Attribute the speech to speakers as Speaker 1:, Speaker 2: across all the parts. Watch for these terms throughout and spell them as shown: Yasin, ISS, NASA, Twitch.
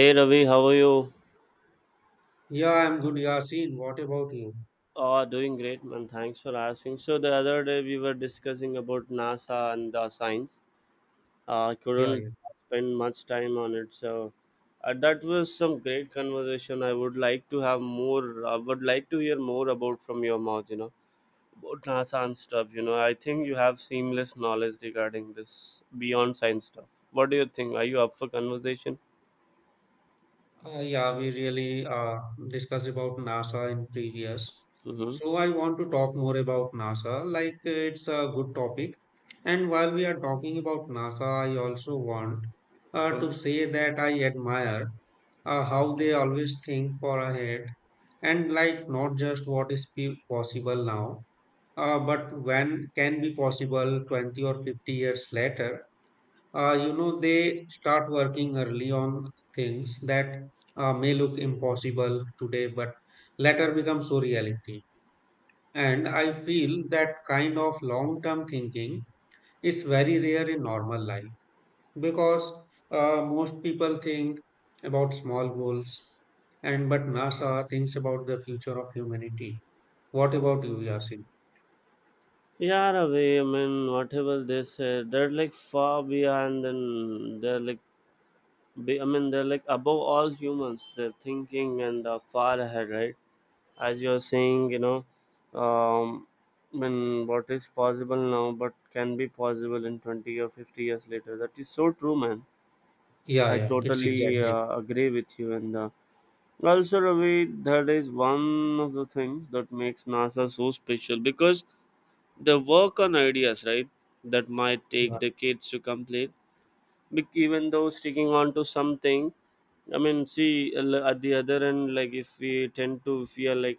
Speaker 1: Hey Ravi, how are you?
Speaker 2: Yeah, I'm good, Yasin. What about you?
Speaker 1: Oh, doing great, man. Thanks for asking. So the other day we were discussing about NASA and the science. I
Speaker 2: Yeah,
Speaker 1: couldn't spend much time on it, so that was some great conversation. I would like to have more. I would like to hear more about from your mouth. You know about NASA and stuff. You know, I think you have seamless knowledge regarding this beyond science stuff. What do you think? Are you up for conversation?
Speaker 2: yeah. We really discussed about NASA in previous.
Speaker 1: Mm-hmm.
Speaker 2: So I want to talk more about NASA, like it's a good topic. And while we are talking about NASA, I also want to
Speaker 1: Mm-hmm.
Speaker 2: say that I admire how they always think for ahead and like not just what is possible now, but when can be possible 20 or 50 years later. You know, they start working early on things that may look impossible today but later become so reality. And I feel that kind of long term thinking is very rare in normal life because most people think about small goals. And but NASA thinks about the future of humanity. What about you, Yasin?
Speaker 1: Yeah, in a way, I mean, whatever they said, they're like far beyond, and they're like, be, I mean, they're like above all humans. They're thinking and are far ahead, right? As you're saying, you know, um, I mean, what is possible now, but can be possible in 20 or 50 years later. That is so true, man.
Speaker 2: Yeah,
Speaker 1: I
Speaker 2: yeah, it's
Speaker 1: totally
Speaker 2: exactly.
Speaker 1: agree with you. And also, Ravi, that is one of the things that makes NASA so special because they work on ideas, right? That might
Speaker 2: Yeah,
Speaker 1: take decades to complete. Even though sticking on to something, I mean, see at the other end, like if we tend to, if we are like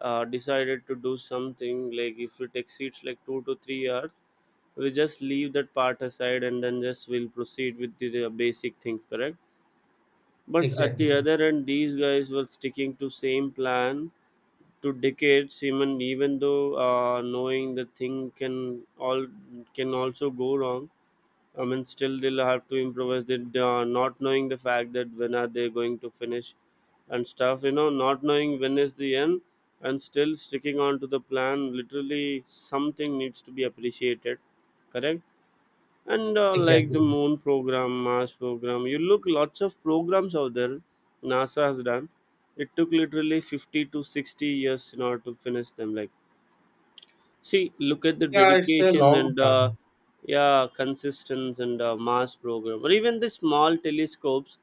Speaker 1: decided to do something, like if it exceeds like 2 to 3 hours, we just leave that part aside and then just will proceed with the basic things, correct? But at the
Speaker 2: exactly.
Speaker 1: other end, these guys were sticking to same plan to decades even though knowing the thing can all can also go wrong. I mean, still they'll have to improvise. They not knowing the fact that when are they going to finish and stuff, you know, not knowing when is the end, and still sticking on to the plan, literally something needs to be appreciated, correct? And like the
Speaker 2: Exactly.
Speaker 1: moon program, mars program, you look lots of programs out there nasa has done. It took literally 50 to 60 years in order to finish them, like see look at the
Speaker 2: Yeah, it's a
Speaker 1: dedication
Speaker 2: long
Speaker 1: and
Speaker 2: term.
Speaker 1: yeah, consistency and mars program or even the small telescopes,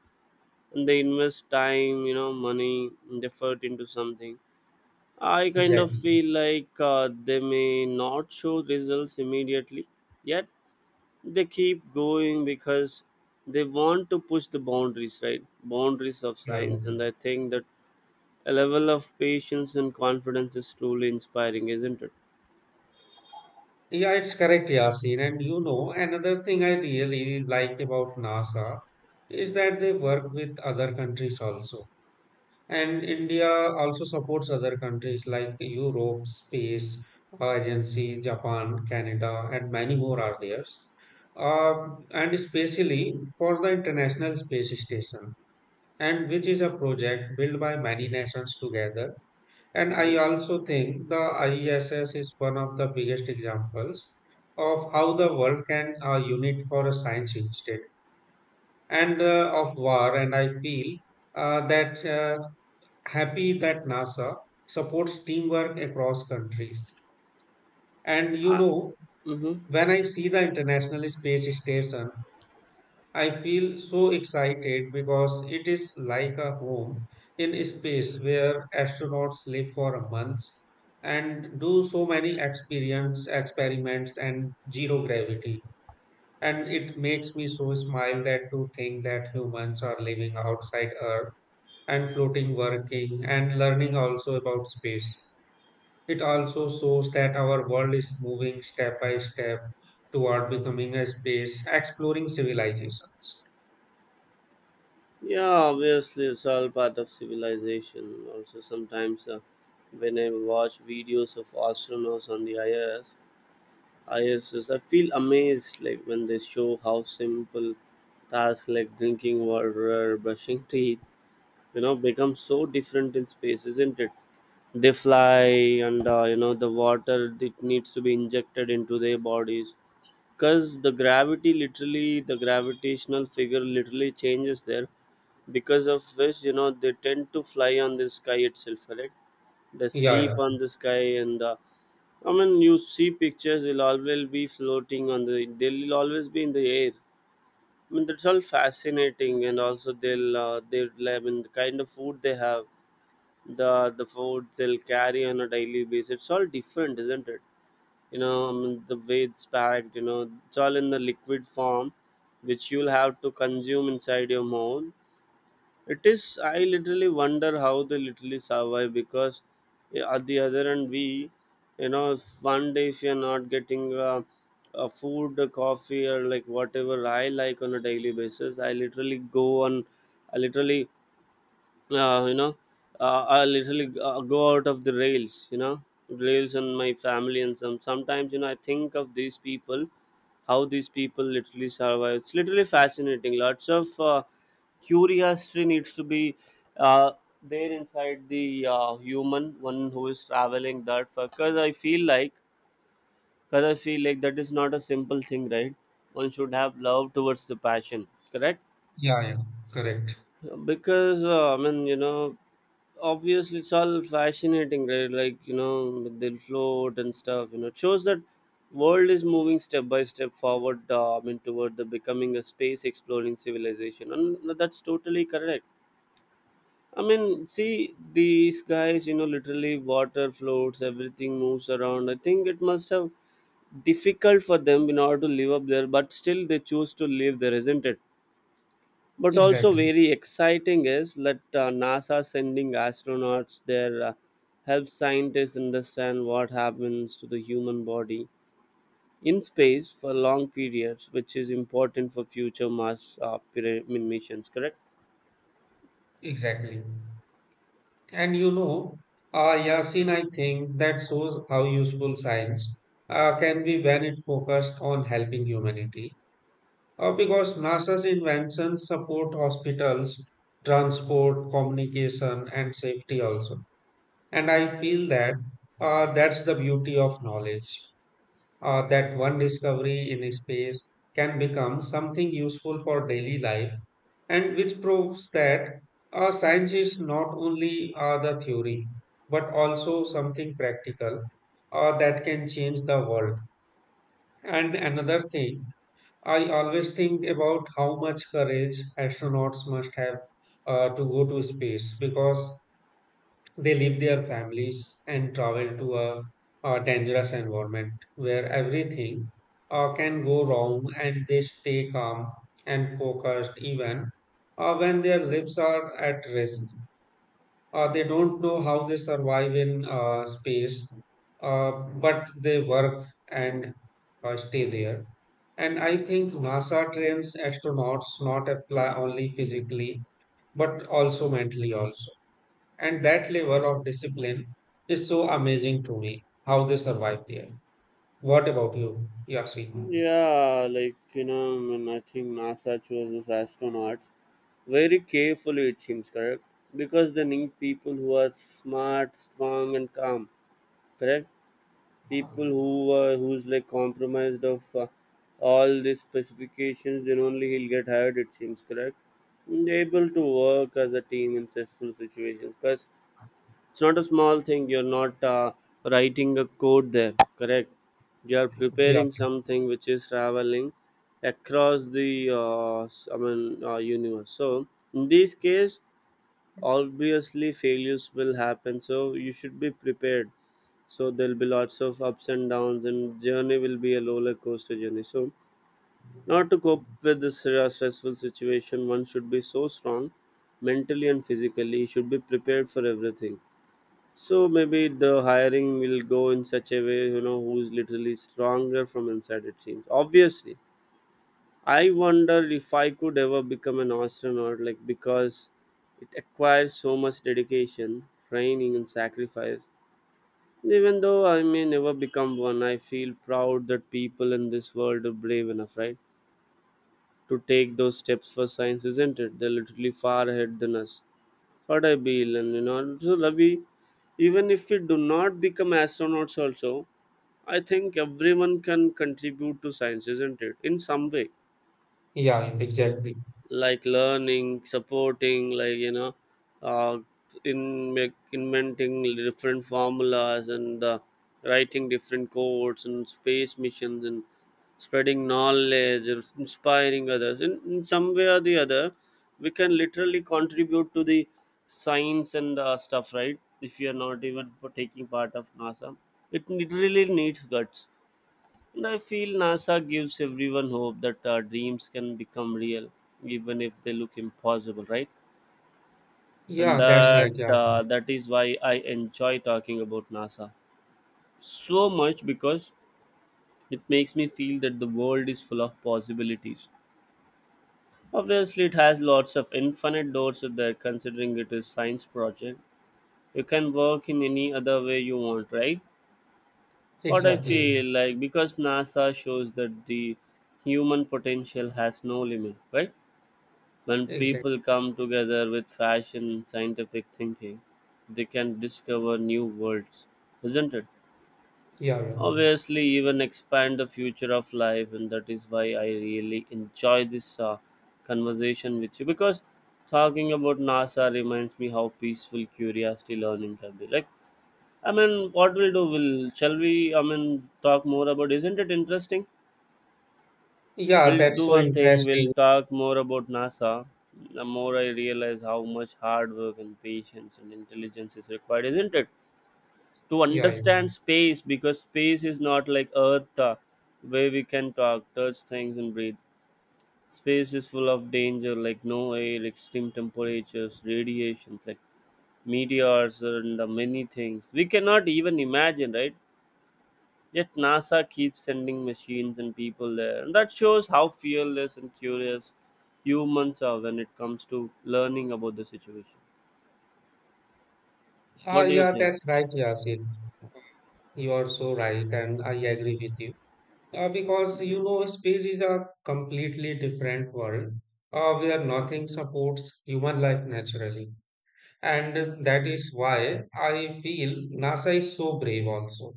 Speaker 1: and they invest time, you know, money and effort into something. I kind of
Speaker 2: Exactly.
Speaker 1: feel like they may not show results immediately, yet they keep going because they want to push the boundaries, right, boundaries of
Speaker 2: Yeah, yeah.
Speaker 1: science. And I think that a level of patience and confidence is truly inspiring, isn't it?
Speaker 2: Yeah, it's correct, Yasin. And you know, another thing I really like about NASA is that they work with other countries also. And India also supports other countries like Europe, Space Agency, Japan, Canada, and many more are there. Uh, and especially for the International Space Station, and which is a project built by many nations together. And I
Speaker 1: Mm-hmm.
Speaker 2: also think the ISS is one of the biggest examples of how the world can unite for a science instead and of war. And I feel that happy that NASA supports teamwork across countries. And you
Speaker 1: Ah,
Speaker 2: know,
Speaker 1: hmm.
Speaker 2: when I see the International Space Station, I feel so excited because it is like a home in space where astronauts live for a month and do so many experience experiments and zero gravity. And it makes me so smile that to think that humans are living outside Earth and floating, working, and learning also about space. It also shows that our world is moving step by step toward becoming a space exploring civilizations.
Speaker 1: Yeah, obviously it's all part of civilization also. Sometimes when I watch videos of astronauts on the irs iss I S S, I feel amazed, like when they show how simple tasks like drinking water, brushing teeth, you know, become so different in space, isn't it? They fly and you know the water it needs to be injected into their bodies because the gravity, literally the gravitational figure literally changes there, because of which, you know, they tend to fly on the sky itself, correct? They
Speaker 2: Yeah.
Speaker 1: sleep on the sky, and I mean you see pictures, they'll always be floating on they'll always be in the air. I mean, that's all fascinating. And also they'll they'll, I mean, the kind of food they have, the food they'll carry on a daily basis, it's all different, isn't it? You know, I mean, the way it's packed, you know, it's all in the liquid form which you'll have to consume inside your mouth. It is, I literally wonder how they literally survive because, at the other end we, you know, if one day if you're not getting a food, a coffee, or like whatever I like on a daily basis, I literally go on, I literally you know, I literally go out of the rails, you know, rails on my family. And sometimes, you know, I think of these people, how these people literally survive, it's literally fascinating. Lots of curiosity needs to be uh, there inside the human one who is traveling that far, because I feel like, because I feel like that is not a simple thing, right? One should have love towards the passion, correct?
Speaker 2: Yeah, yeah, correct.
Speaker 1: Because I mean, you know, obviously it's all fascinating, right, like you know they'll float and stuff, you know, it shows that world is moving step by step forward. I mean toward the becoming a space exploring civilization, and that's totally correct. I mean, see these guys, you know, literally water floats, everything moves around, I think it must have difficult for them in order to live up there, but still they choose to live there, isn't it? But also
Speaker 2: Exactly,
Speaker 1: very exciting is that NASA sending astronauts there help scientists understand what happens to the human body in space for long periods, which is important for future Mars I mean, missions. Correct?
Speaker 2: exactly. And you know, Yasin, I think that shows how useful science can be when it focused on helping humanity. Because NASA's inventions support hospitals, transport, communication, and safety also. And I feel that that's the beauty of knowledge, that one discovery in space can become something useful for daily life, and which proves that science is not only the theory but also something practical that can change the world. And another thing, I always think about how much courage astronauts must have to go to space because they leave their families and travel to a dangerous environment where everything can go wrong, and they stay calm and focused even when their lives are at risk. They don't know how they survive in space, uh, but they work and stay there. And I think NASA trains astronauts not apply only physically, but also mentally also. And that level of discipline is so amazing to me, how they survive there. What about you, Yasin?
Speaker 1: Yeah, like you know, I, mean, I think NASA chooses astronauts very carefully. It seems correct, because they need people who are smart, strong, and calm. Correct. People who who's like compromised of all the specifications, then only he'll get hired, it seems, correct. And able to work as a team in stressful situations, because it's not a small thing. You're not writing a code there, correct? You are
Speaker 2: Yeah,
Speaker 1: preparing something which is traveling across the I mean universe. So in this case, obviously failures will happen, so you should be prepared. So there'll be lots of ups and downs and journey will be a roller coaster journey. So not to cope with this stressful situation, one should be so strong mentally and physically, you should be prepared for everything. So maybe the hiring will go in such a way, you know, who's literally stronger from inside, it seems, obviously. I wonder if I could ever become an astronaut, like, because it requires so much dedication, training, and sacrifice. Even though I may never become one, I feel proud that people in this world are brave enough, right, to take those steps for science, isn't it? They're literally far ahead than us. What I feel. And you know, so Ravi, even if we do not become astronauts also, I think everyone can contribute to science, isn't it? In some way
Speaker 2: yeah, exactly.
Speaker 1: like learning, supporting, like you know, uh, in make, inventing different formulas and writing different codes and space missions and spreading knowledge or inspiring others in some way or the other, we can literally contribute to the science and stuff, right? If you're not even taking part of nasa, it really needs guts. And I feel NASA gives everyone hope that our dreams can become real, even if they look impossible, right? And
Speaker 2: Yeah, that's right,
Speaker 1: that
Speaker 2: Yasin.
Speaker 1: uh, that is why I enjoy talking about NASA so much, because it makes me feel that the world is full of possibilities. Obviously, it has lots of infinite doors there, considering it is science project. You can work in any other way you want, right? It's what I
Speaker 2: Exactly.
Speaker 1: feel like, because NASA shows that the human potential has no limit, right? When
Speaker 2: Exactly.
Speaker 1: people come together with fashion scientific thinking, they can discover new worlds, isn't it?
Speaker 2: Yeah, yeah.
Speaker 1: Obviously, even expand the future of life. And that is why I really enjoy this conversation with you, because talking about NASA reminds me how peaceful curiosity learning can be. Like, I mean, what we'll do, will shall we? I mean, talk more about. Isn't it interesting?
Speaker 2: Yeah,
Speaker 1: We'll
Speaker 2: that's
Speaker 1: do
Speaker 2: so
Speaker 1: one thing. We'll
Speaker 2: interesting.
Speaker 1: talk more about NASA. The more I realize how much hard work and patience and intelligence is required, isn't it, to
Speaker 2: Yeah, yeah.
Speaker 1: understand space, because space is not like Earth, where we can talk, touch things, and breathe. Space is full of danger, like no air, extreme temperatures, radiations, like meteors, and many things we cannot even imagine, right? Yet NASA keeps sending machines and people there. And that shows how fearless and curious humans are when it comes to learning about the situation.
Speaker 2: Ah,
Speaker 1: What do you
Speaker 2: yeah,
Speaker 1: think?
Speaker 2: that's right, Yasin. You are so right, and I agree with you. Because you know, space is a completely different world where nothing supports human life naturally. And that is why I feel NASA is so brave also,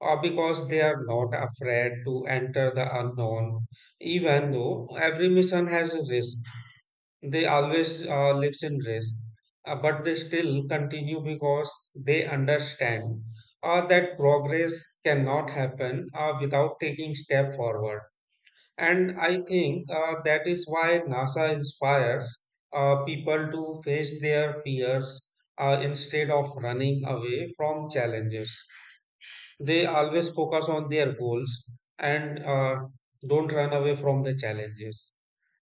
Speaker 2: or because they are not afraid to enter the unknown. Even though every mission has a risk, they always lives in risk. But they still continue because they understand that progress cannot happen without taking step forward. And I think that is why NASA inspires people to face their fears instead of running away from challenges. They always focus on their goals and don't run away from the challenges.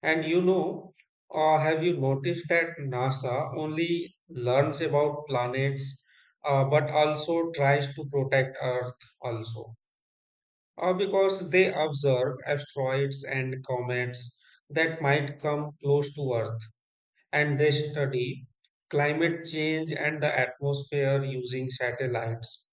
Speaker 2: And you know, have you noticed that NASA only learns about planets but also tries to protect Earth also? Or because they observe asteroids and comets that might come close to Earth, and they study climate change and the atmosphere using satellites,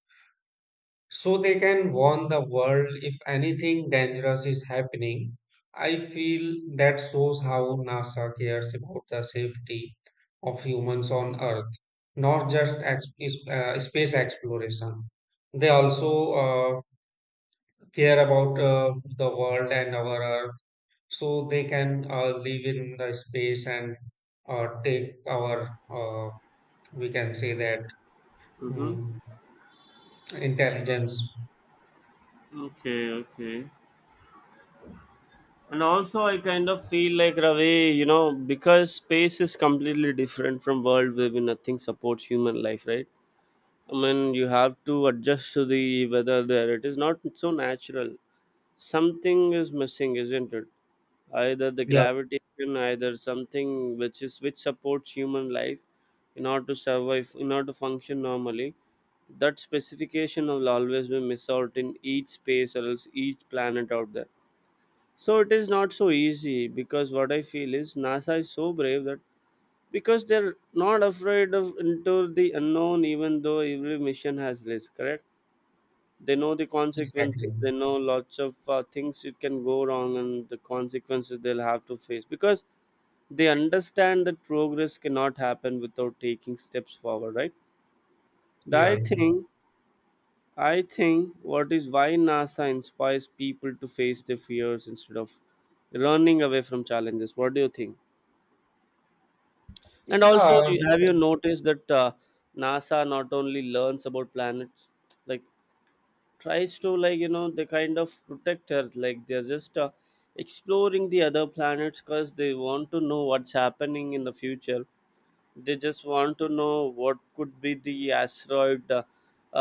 Speaker 2: so they can warn the world if anything dangerous is happening. I feel that shows how NASA cares about the safety of humans on Earth, not just space exploration. They also care about the world and our earth so they can live in the space, and take our uh, we can say that
Speaker 1: Mm-hmm.
Speaker 2: mm, intelligence.
Speaker 1: Okay, okay. And also, I kind of feel like, Ravi, you know, because space is completely different from world where nothing supports human life, right? I mean, you have to adjust to the weather there. It is not so natural. Something is missing, isn't it? Either the
Speaker 2: Yeah.
Speaker 1: gravitation either something which supports human life in order to survive, in order to function normally. That specification will always be missed out in each space or else each planet out there. So it is not so easy because what I feel is NASA is so brave that, because they're not afraid of into the unknown even though every mission has risk, correct? They know the
Speaker 2: Exactly.
Speaker 1: consequences, they know lots of things it can go wrong and the consequences they'll have to face, because they understand that progress cannot happen without taking steps forward, right? i
Speaker 2: Yeah,
Speaker 1: think i think what is why NASA inspires people to face their fears instead of running away from challenges. What do you think? And also
Speaker 2: yeah,
Speaker 1: have you noticed that NASA not only learns about planets, like, tries to, like, you know, they kind of protect Earth, like they're just exploring the other planets because they want to know what's happening in the future? They just want to know what could be the asteroid. uh,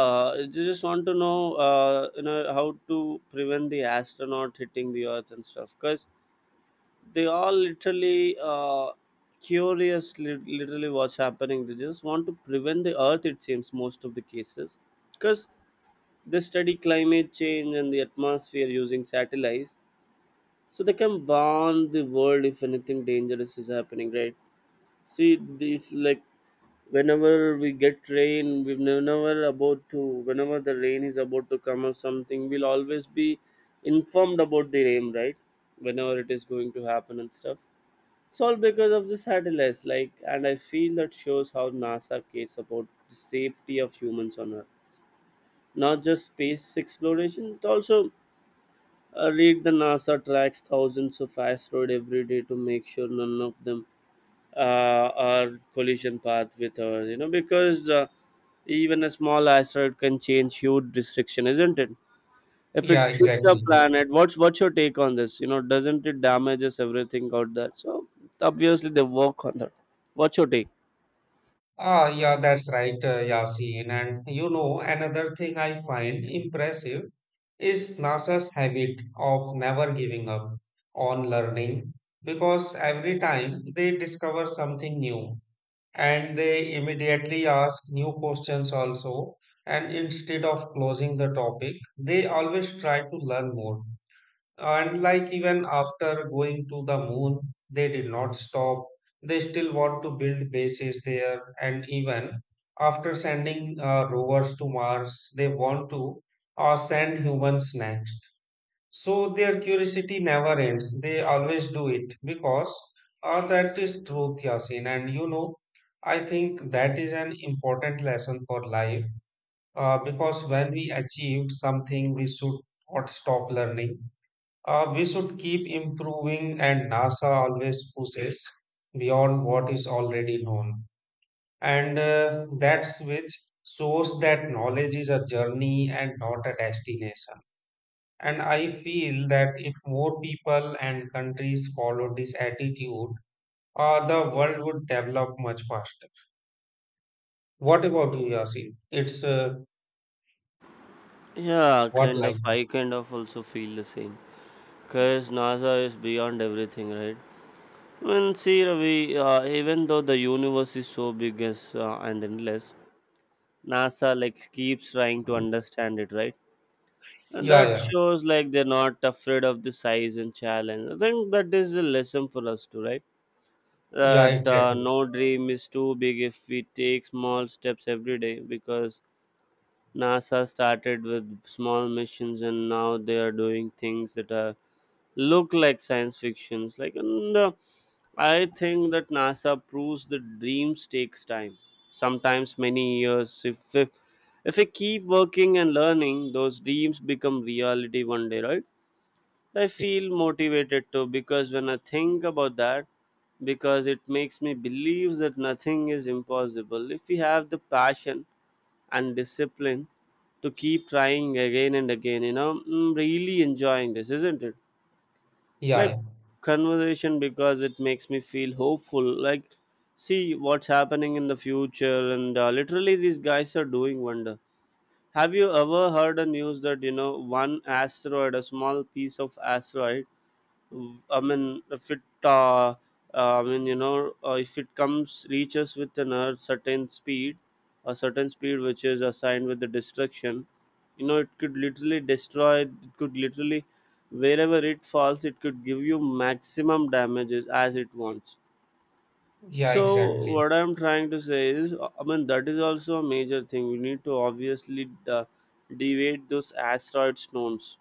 Speaker 1: uh, They just want to know, you know, how to prevent the astronaut hitting the Earth and stuff, because they all literally curious, literally what's happening. They just want to prevent the Earth, it seems, most of the cases, because they study climate change and the atmosphere using satellites, so they can warn the world if anything dangerous is happening, right? See these, like, whenever we get rain, we've never about to whenever the rain is about to come or something, we'll always be informed about the rain, right? Whenever it is going to happen and stuff, it's all because of the satellites, like, and I feel that shows how NASA cares about the safety of humans on Earth, not just space exploration, but also, read the NASA tracks thousands of asteroids every day to make sure none of them our collision path with her, you know, because even a small asteroid can change huge restriction, isn't it? If it
Speaker 2: yeah,
Speaker 1: hits a
Speaker 2: exactly.
Speaker 1: planet, what's your take on this? You know, doesn't it damages everything out there? So obviously they work on that. What's your take?
Speaker 2: Ah, yeah, that's right, Yasin. And you know, another thing I find impressive is NASA's habit of never giving up on learning because every time they discover something new, and they immediately ask new questions also. And instead of closing the topic, they always try to learn more. And like even after going to the moon, they did not stop. They still want to build bases there. And even after sending rovers to Mars, they want to send humans next. So their curiosity never ends. They always do it because that is truth, Yasin. And you know, I think that is an important lesson for life because when we achieve something, we should not stop learning. We should keep improving, and NASA always pushes beyond what is already known. And that's which shows that knowledge is a journey and not a destination. And I feel that if more people and countries follow this attitude, the world would develop much faster. What about you, Yasin? It's
Speaker 1: Yeah,
Speaker 2: what
Speaker 1: kind
Speaker 2: like?
Speaker 1: of, I kind of also feel the same because NASA is beyond everything, right? I mean, see, Ravi, even though the universe is so big as, and endless, NASA like keeps trying to understand it, right? And
Speaker 2: Yeah,
Speaker 1: that
Speaker 2: yeah,
Speaker 1: shows like they're not afraid of the size and challenge. I think that is a lesson for us too, right?
Speaker 2: yeah,
Speaker 1: That,
Speaker 2: exactly.
Speaker 1: no dream is too big if we take small steps every day, because NASA started with small missions and now they are doing things that are look like science fictions. Like, and I think that NASA proves that dreams takes time. Sometimes many years. If we keep working and learning, those dreams become reality one day, right? I feel motivated too because when I think about that, because it makes me believe that nothing is impossible. If we have the passion and discipline to keep trying again and again, you know, I'm really enjoying this, isn't it? It's
Speaker 2: Yeah,
Speaker 1: like
Speaker 2: yeah,
Speaker 1: conversation because it makes me feel hopeful. Like, see what's happening in the future, and literally these guys are doing wonder. Have you ever heard the news that, you know, one asteroid, a small piece of asteroid? I mean, if it, I mean, you know, if it comes reaches with an a certain speed which is assigned with the destruction, you know, it could literally destroy. It could literally, wherever it falls, it could give you maximum damages as it wants.
Speaker 2: yeah,
Speaker 1: So
Speaker 2: exactly.
Speaker 1: what I'm trying to say is, I mean, that is also a major thing. We need to obviously deviate those asteroid stones.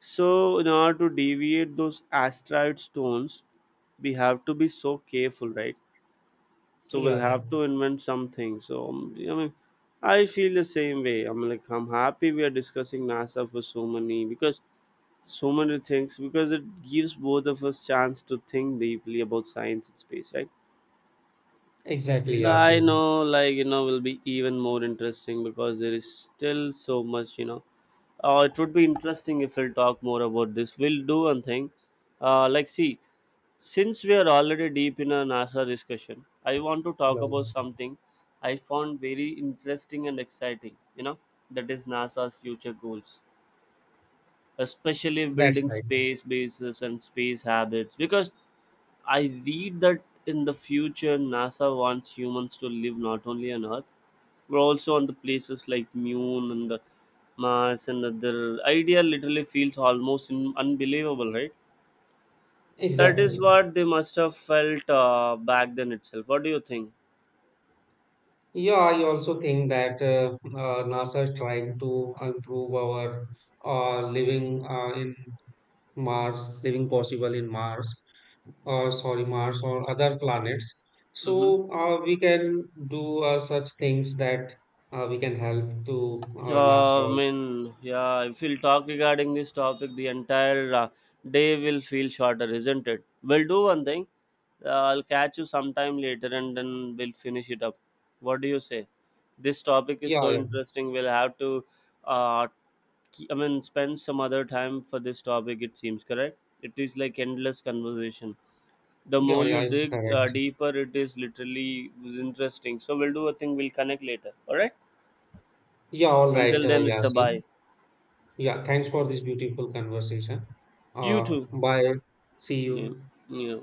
Speaker 1: So, in order to deviate those asteroid stones, we have to be so careful, right? So we'll
Speaker 2: Yeah, yeah,
Speaker 1: have to invent something. So I mean, I feel the same way. I'm like, I'm happy we are discussing NASA for so many, because so many things, because it gives both of us chance to think deeply about science and space, right?
Speaker 2: exactly,
Speaker 1: I
Speaker 2: Yasin.
Speaker 1: know, like, you know, will be even more interesting because there is still so much, you know, it would be interesting if we'll talk more about this. We'll do one thing. Like, see, since we are already deep in a NASA discussion, I want to
Speaker 2: Yeah,
Speaker 1: talk about something I found very interesting and exciting, you know, that is NASA's future goals, especially
Speaker 2: that's
Speaker 1: building
Speaker 2: right.
Speaker 1: space bases and space habits. Because I read that in the future, NASA wants humans to live not only on Earth, we're also on the places like Mune and the Mars and other. Idea literally feels almost in, unbelievable, right? That is
Speaker 2: Exactly.
Speaker 1: what they must have felt back then itself. What do you think?
Speaker 2: Yeah, I also think that NASA is trying to improve our living in Mars, living possible in Mars, or sorry, Mars or other planets.
Speaker 1: Mm-hmm.
Speaker 2: So we can do such things that we can help to NASA
Speaker 1: I
Speaker 2: also.
Speaker 1: mean, yeah, if we'll talk regarding this topic, the entire day will feel shorter, isn't it? We'll do one thing. I'll catch you sometime later and then we'll finish it up. What do you say? This topic is
Speaker 2: Yeah,
Speaker 1: so
Speaker 2: yeah,
Speaker 1: interesting. We'll have to uh, I mean, spend some other time for this topic. It seems correct. It is like endless conversation. The
Speaker 2: yeah,
Speaker 1: more
Speaker 2: yeah.
Speaker 1: you
Speaker 2: It's
Speaker 1: dig
Speaker 2: correct.
Speaker 1: deeper, it is literally was interesting. So we'll do a thing. We'll connect later. All right.
Speaker 2: Yeah, all right,
Speaker 1: Until then, it's a
Speaker 2: Yasin.
Speaker 1: bye.
Speaker 2: Yeah, thanks for this beautiful conversation.
Speaker 1: You too.
Speaker 2: Bye. See
Speaker 1: Yeah.
Speaker 2: you.
Speaker 1: Yeah.